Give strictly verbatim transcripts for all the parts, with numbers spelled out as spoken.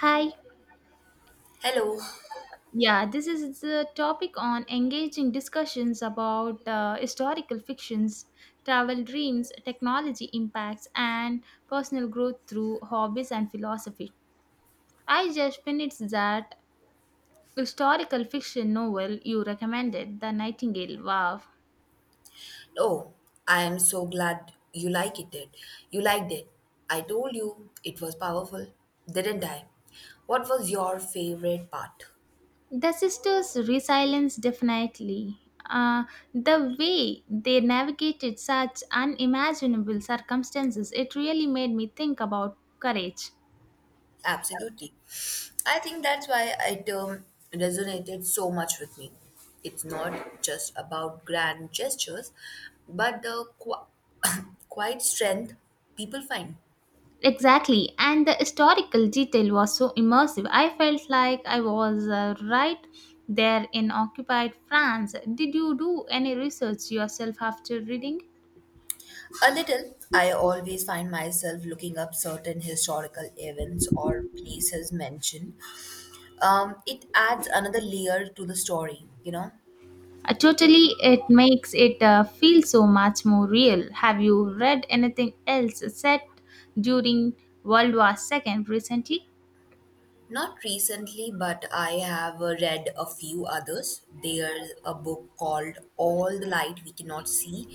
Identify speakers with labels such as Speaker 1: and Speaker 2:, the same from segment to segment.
Speaker 1: Hi.
Speaker 2: Hello.
Speaker 1: Yeah, this is the topic on engaging discussions about uh, historical fictions, travel dreams, technology impacts, and personal growth through hobbies and philosophy. I just finished that historical fiction novel you recommended, The Nightingale. Wow.
Speaker 2: Oh, I am so glad you like it then. You liked it. I told you it was powerful, didn't I? What was your favorite part?
Speaker 1: The sisters' resilience definitely. Uh, the way they navigated such unimaginable circumstances, it really made me think about courage.
Speaker 2: Absolutely. I think that's why it um, resonated so much with me. It's not just about grand gestures, but the qu- quiet strength people find.
Speaker 1: Exactly, and the historical detail was so immersive. I felt like I was uh, right there in occupied France. Did you do any research yourself after reading?
Speaker 2: A little, I always find myself looking up certain historical events or places mentioned um, It adds another layer to the story, you know.
Speaker 1: Uh, totally, it makes it uh, feel so much more real. Have you read anything else set during World War two recently?
Speaker 2: Not recently, but I have uh, read a few others. There's a book called All the Light We Cannot See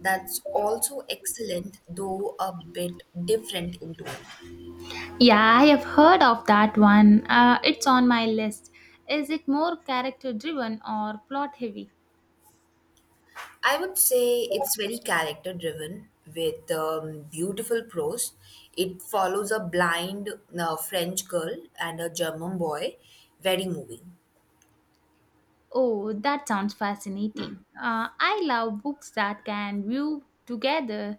Speaker 2: that's also excellent, though a bit different in tone.
Speaker 1: Yeah, I have heard of that one. Uh, it's on my list. Is it more character driven or plot heavy?
Speaker 2: I would say it's very character driven with um, beautiful prose. It follows a blind uh, French girl and a German boy, very moving.
Speaker 1: Oh, that sounds fascinating. Uh, I love books that can view together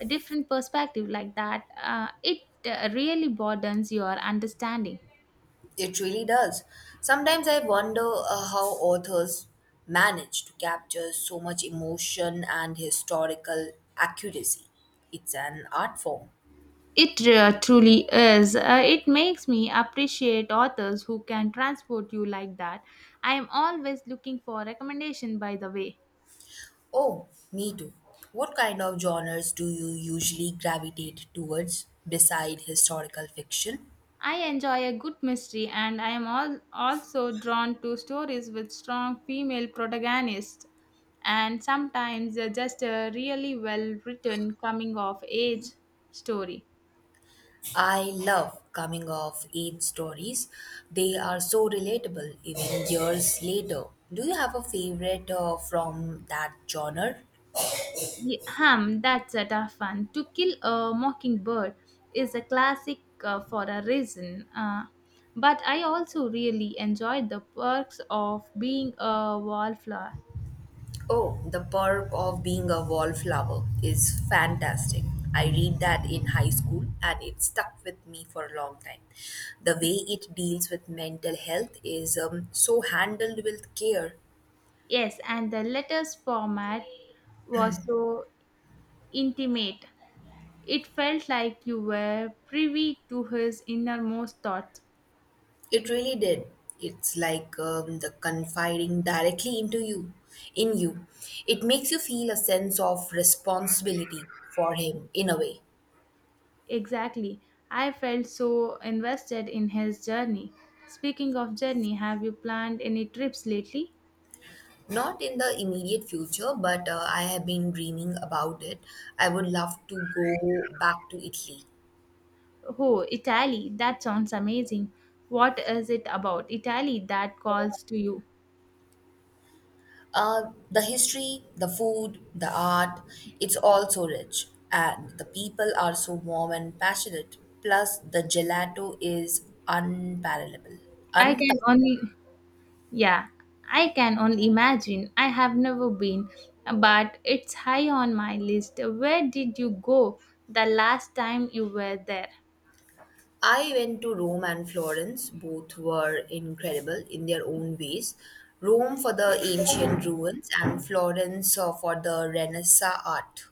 Speaker 1: a different perspective like that. Uh, it uh, really broadens your understanding.
Speaker 2: It really does. Sometimes I wonder uh, how authors manage to capture so much emotion and historical accuracy. It's an art form.
Speaker 1: It uh, truly is. Uh, it makes me appreciate authors who can transport you like that. I am always looking for recommendation, by the way.
Speaker 2: Oh, me too. What kind of genres do you usually gravitate towards beside historical fiction?
Speaker 1: I enjoy a good mystery and I am all, also drawn to stories with strong female protagonists and sometimes uh, just a really well written coming of age story.
Speaker 2: I love coming of age stories. They are so relatable even years later. Do you have a favorite uh, from that genre?
Speaker 1: Ye- Hum, that's a tough one. To Kill a Mockingbird is a classic uh, for a reason. Uh, but I also really enjoyed the perks of being a wallflower.
Speaker 2: Oh, The Perk of Being a Wallflower is fantastic. I read that in high school and it stuck with me for a long time. The way it deals with mental health is um, so handled with care.
Speaker 1: Yes, and the letters format was so intimate. It felt like you were privy to his innermost thoughts.
Speaker 2: It really did. It's like um, the confiding directly into you, in you. It makes you feel a sense of responsibility for him in a way.
Speaker 1: Exactly. I felt so invested in his journey. Speaking of journey, have you planned any trips lately?
Speaker 2: Not in the immediate future, but uh, I have been dreaming about it. I would love to go back to Italy.
Speaker 1: Oh, Italy. That sounds amazing. What is it about Italy that calls to you?
Speaker 2: Uh, the history, the food, the art, it's all so rich. And the people are so warm and passionate. Plus, the gelato is unparalleled.
Speaker 1: I can
Speaker 2: Unparalleled.
Speaker 1: only, yeah, I can only imagine. I have never been, but it's high on my list. Where did you go the last time you were there?
Speaker 2: I went to Rome and Florence. Both were incredible in their own ways. Rome for the ancient ruins and Florence uh, for the Renaissance art.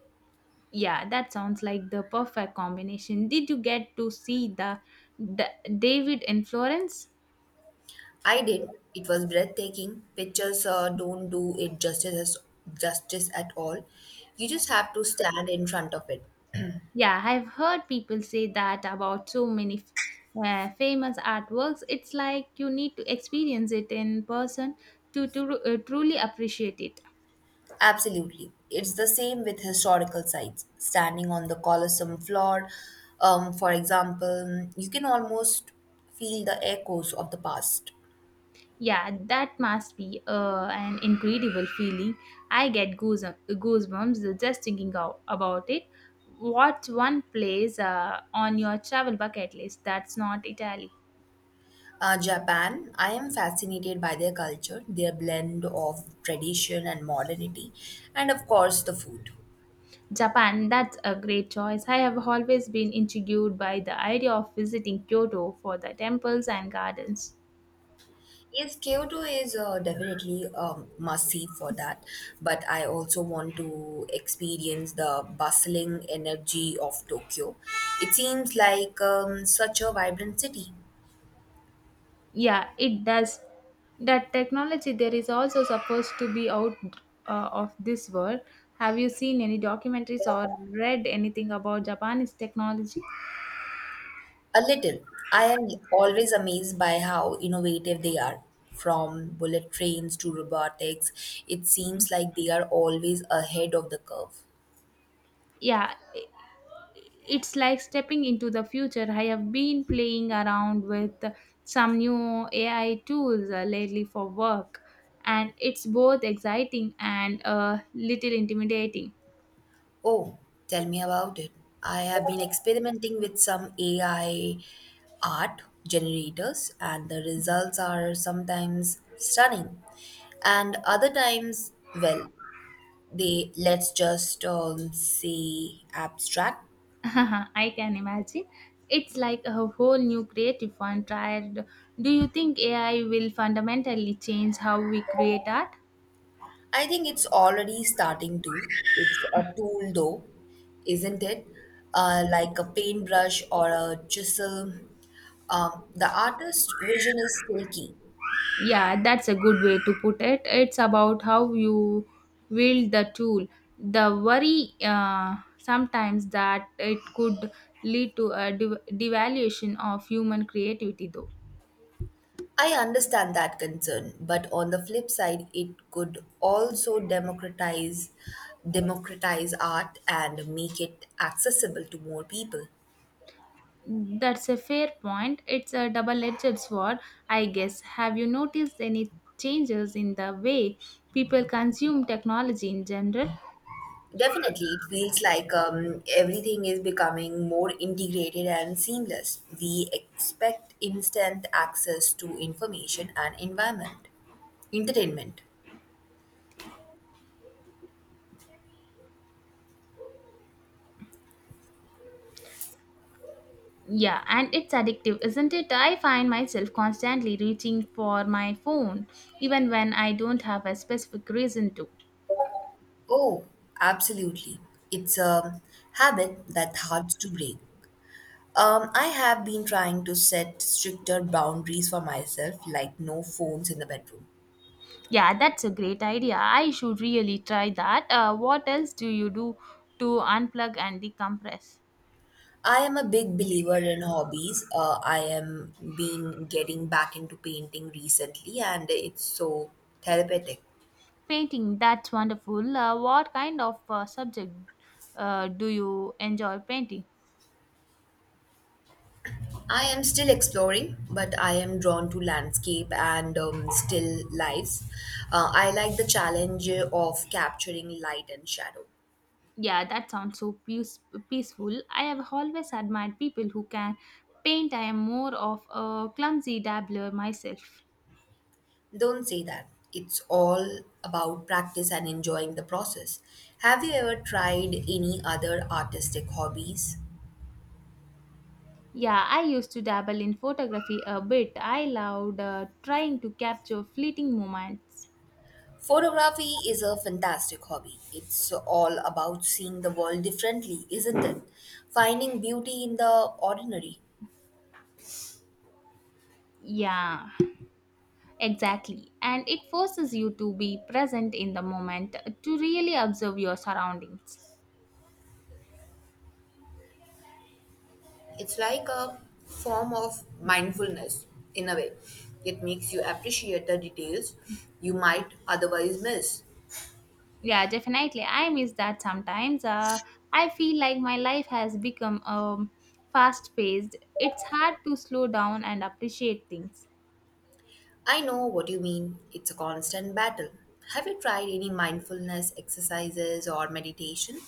Speaker 1: Yeah, that sounds like the perfect combination. Did you get to see the, the David in Florence?
Speaker 2: I did. It was breathtaking. Pictures uh, don't do it justice justice at all. You just have to stand in front of it.
Speaker 1: Yeah, I've heard people say that about so many f- uh, famous artworks. It's like you need to experience it in person to, to uh, truly appreciate it.
Speaker 2: Absolutely. It's the same with historical sites. Standing on the Colosseum floor, um, for example, you can almost feel the echoes of the past.
Speaker 1: Yeah, that must be uh, an incredible feeling. I get goose- goosebumps just thinking out about it. What's one place uh, on your travel bucket list that's not Italy?
Speaker 2: Uh, Japan, I am fascinated by their culture, their blend of tradition and modernity, and of course the food.
Speaker 1: Japan, that's a great choice. I have always been intrigued by the idea of visiting Kyoto for the temples and gardens.
Speaker 2: Yes, Kyoto is uh, definitely a must see for that. But I also want to experience the bustling energy of Tokyo. It seems like um, such a vibrant city.
Speaker 1: Yeah, it does. That technology there is also supposed to be out uh, of this world. Have you seen any documentaries or read anything about Japanese technology?
Speaker 2: A little. I am always amazed by how innovative they are. From bullet trains to robotics, it seems like they are always ahead of the curve.
Speaker 1: Yeah, it's like stepping into the future. I have been playing around with some new A I tools uh, lately for work, and it's both exciting and a little intimidating.
Speaker 2: Oh, tell me about it. I have been experimenting with some A I art generators, and the results are sometimes stunning, and other times, well, they let's just um, say abstract.
Speaker 1: I can imagine. It's like a whole new creative frontier. Do you think A I will fundamentally change how we create art?
Speaker 2: I think it's already starting to. It's a tool, though, isn't it? Uh, like a paintbrush or a chisel. Um, the artist's vision is still key.
Speaker 1: Yeah, that's a good way to put it. It's about how you wield the tool. The worry uh, sometimes that it could lead to a dev- devaluation of human creativity, though.
Speaker 2: I understand that concern, but on the flip side, it could also democratize democratize art and make it accessible to more people.
Speaker 1: That's a fair point. It's a double edged sword, I guess. Have you noticed any changes in the way people consume technology in general?
Speaker 2: Definitely, it feels like um, everything is becoming more integrated and seamless. We expect instant access to information and environment, entertainment.
Speaker 1: Yeah, and it's addictive, isn't it? I find myself constantly reaching for my phone, even when I don't have a specific reason to.
Speaker 2: Oh, absolutely. It's a habit that's hard to break. Um, I have been trying to set stricter boundaries for myself, like no phones in the bedroom.
Speaker 1: Yeah, that's a great idea. I should really try that. Uh, what else do you do to unplug and decompress?
Speaker 2: I am a big believer in hobbies. Uh, I am been getting back into painting recently, and it's so therapeutic.
Speaker 1: Painting, that's wonderful. Uh, what kind of uh, subject uh, do you enjoy painting?
Speaker 2: I am still exploring, but I am drawn to landscape and um, still lives. Uh, I like the challenge of capturing light and shadow.
Speaker 1: Yeah, that sounds so peace- peaceful. I have always admired people who can paint. I am more of a clumsy dabbler myself.
Speaker 2: Don't say that. It's all about practice and enjoying the process. Have you ever tried any other artistic hobbies?
Speaker 1: Yeah, I used to dabble in photography a bit. I loved uh, trying to capture fleeting moments.
Speaker 2: Photography is a fantastic hobby. It's all about seeing the world differently, isn't it? Finding beauty in the ordinary.
Speaker 1: Yeah, exactly. And it forces you to be present in the moment, to really observe your surroundings.
Speaker 2: It's like a form of mindfulness in a way. It makes you appreciate the details you might otherwise miss.
Speaker 1: Yeah, definitely. I miss that sometimes. Uh, I feel like my life has become um, fast paced. It's hard to slow down and appreciate things.
Speaker 2: I know what you mean. It's a constant battle. Have you tried any mindfulness exercises or meditation?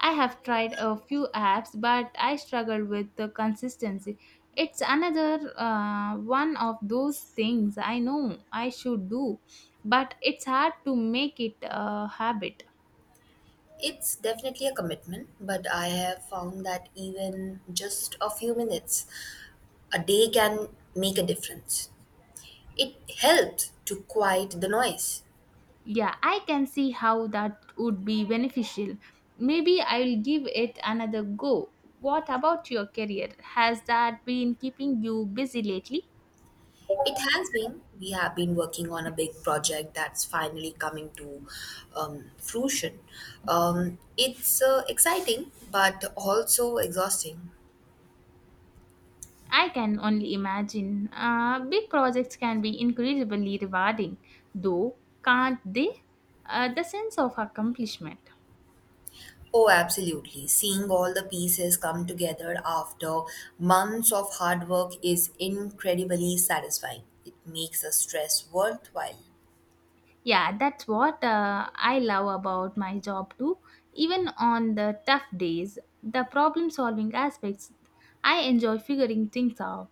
Speaker 1: I have tried a few apps, but I struggle with the consistency. It's another uh, one of those things I know I should do, but it's hard to make it a habit.
Speaker 2: It's definitely a commitment, but I have found that even just a few minutes a day can make a difference. It helps to quiet the noise.
Speaker 1: Yeah, I can see how that would be beneficial. Maybe I'll give it another go. What about your career? Has that been keeping you busy lately?
Speaker 2: It has been, we have been working on a big project that's finally coming to um, fruition. Um, it's uh, exciting, but also exhausting.
Speaker 1: I can only imagine. Uh, big projects can be incredibly rewarding, though, can't they? Uh, the sense of accomplishment.
Speaker 2: Oh, absolutely. Seeing all the pieces come together after months of hard work is incredibly satisfying. It makes the stress worthwhile.
Speaker 1: Yeah, that's what uh, I love about my job too. Even on the tough days, the problem solving aspects, I enjoy figuring things out.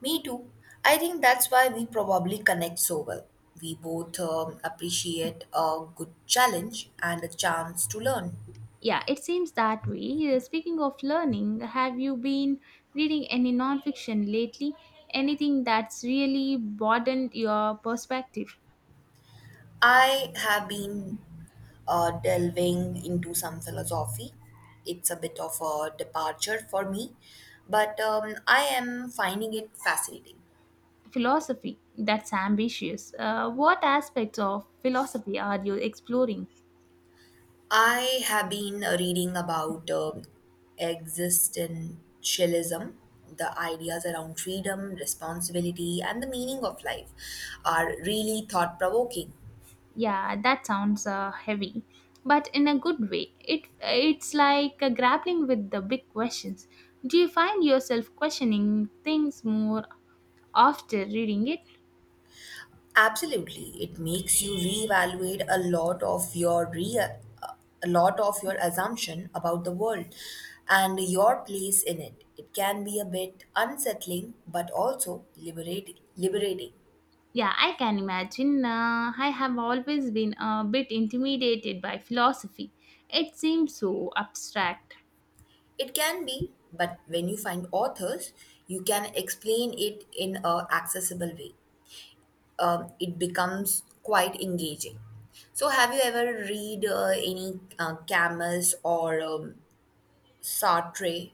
Speaker 2: Me too. I think that's why we probably connect so well. We both um, appreciate a good challenge and a chance to learn.
Speaker 1: Yeah, it seems that way. Uh, Speaking of learning, have you been reading any nonfiction lately? Anything that's really broadened your perspective?
Speaker 2: I have been uh, delving into some philosophy. It's a bit of a departure for me, but um, I am finding it fascinating.
Speaker 1: Philosophy, that's ambitious. Uh, what aspects of philosophy are you exploring?
Speaker 2: I have been uh, reading about um existentialism. The ideas around freedom, responsibility, and the meaning of life are really thought provoking.
Speaker 1: Yeah, that sounds uh, heavy, but in a good way. It it's like uh, grappling with the big questions. Do you find yourself questioning things more after reading it?
Speaker 2: Absolutely, it makes you reevaluate a lot of your real, a lot of your assumption about the world and your place in it. It can be a bit unsettling, but also liberate, liberating.
Speaker 1: Yeah, I can imagine. Uh, I have always been a bit intimidated by philosophy. It seems so abstract.
Speaker 2: It can be, but when you find authors, you can explain it in a accessible way. Um, it becomes quite engaging. So, have you ever read uh, any uh, Camus or um, Sartre?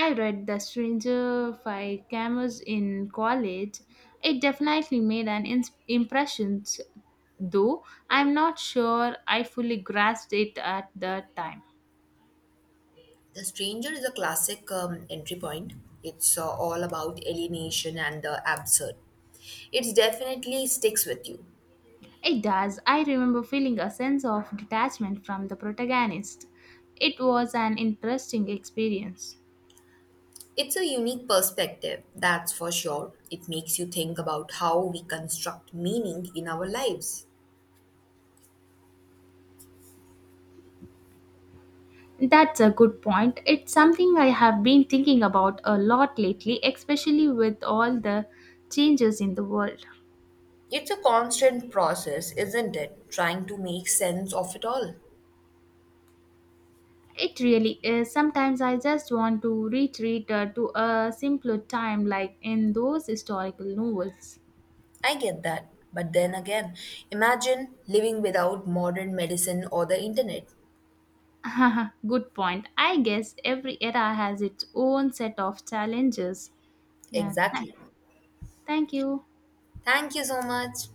Speaker 1: I read The Stranger by Camus in college. It definitely made an ins- impression, though I'm not sure I fully grasped it at the time.
Speaker 2: The Stranger is a classic um, entry point. It's uh, all about alienation and the absurd. It definitely sticks with you.
Speaker 1: It does. I remember feeling a sense of detachment from the protagonist. It was an interesting experience.
Speaker 2: It's a unique perspective, that's for sure. It makes you think about how we construct meaning in our lives.
Speaker 1: That's a good point. It's something I have been thinking about a lot lately, especially with all the changes in the world.
Speaker 2: It's a constant process, isn't it? Trying to make sense of it all.
Speaker 1: It really is. Sometimes I just want to retreat uh, to a simpler time, like in those historical novels.
Speaker 2: I get that. But then again, imagine living without modern medicine or the internet.
Speaker 1: Good point. I guess every era has its own set of challenges. Yeah, th-
Speaker 2: Exactly.
Speaker 1: thank you.
Speaker 2: Thank you so much.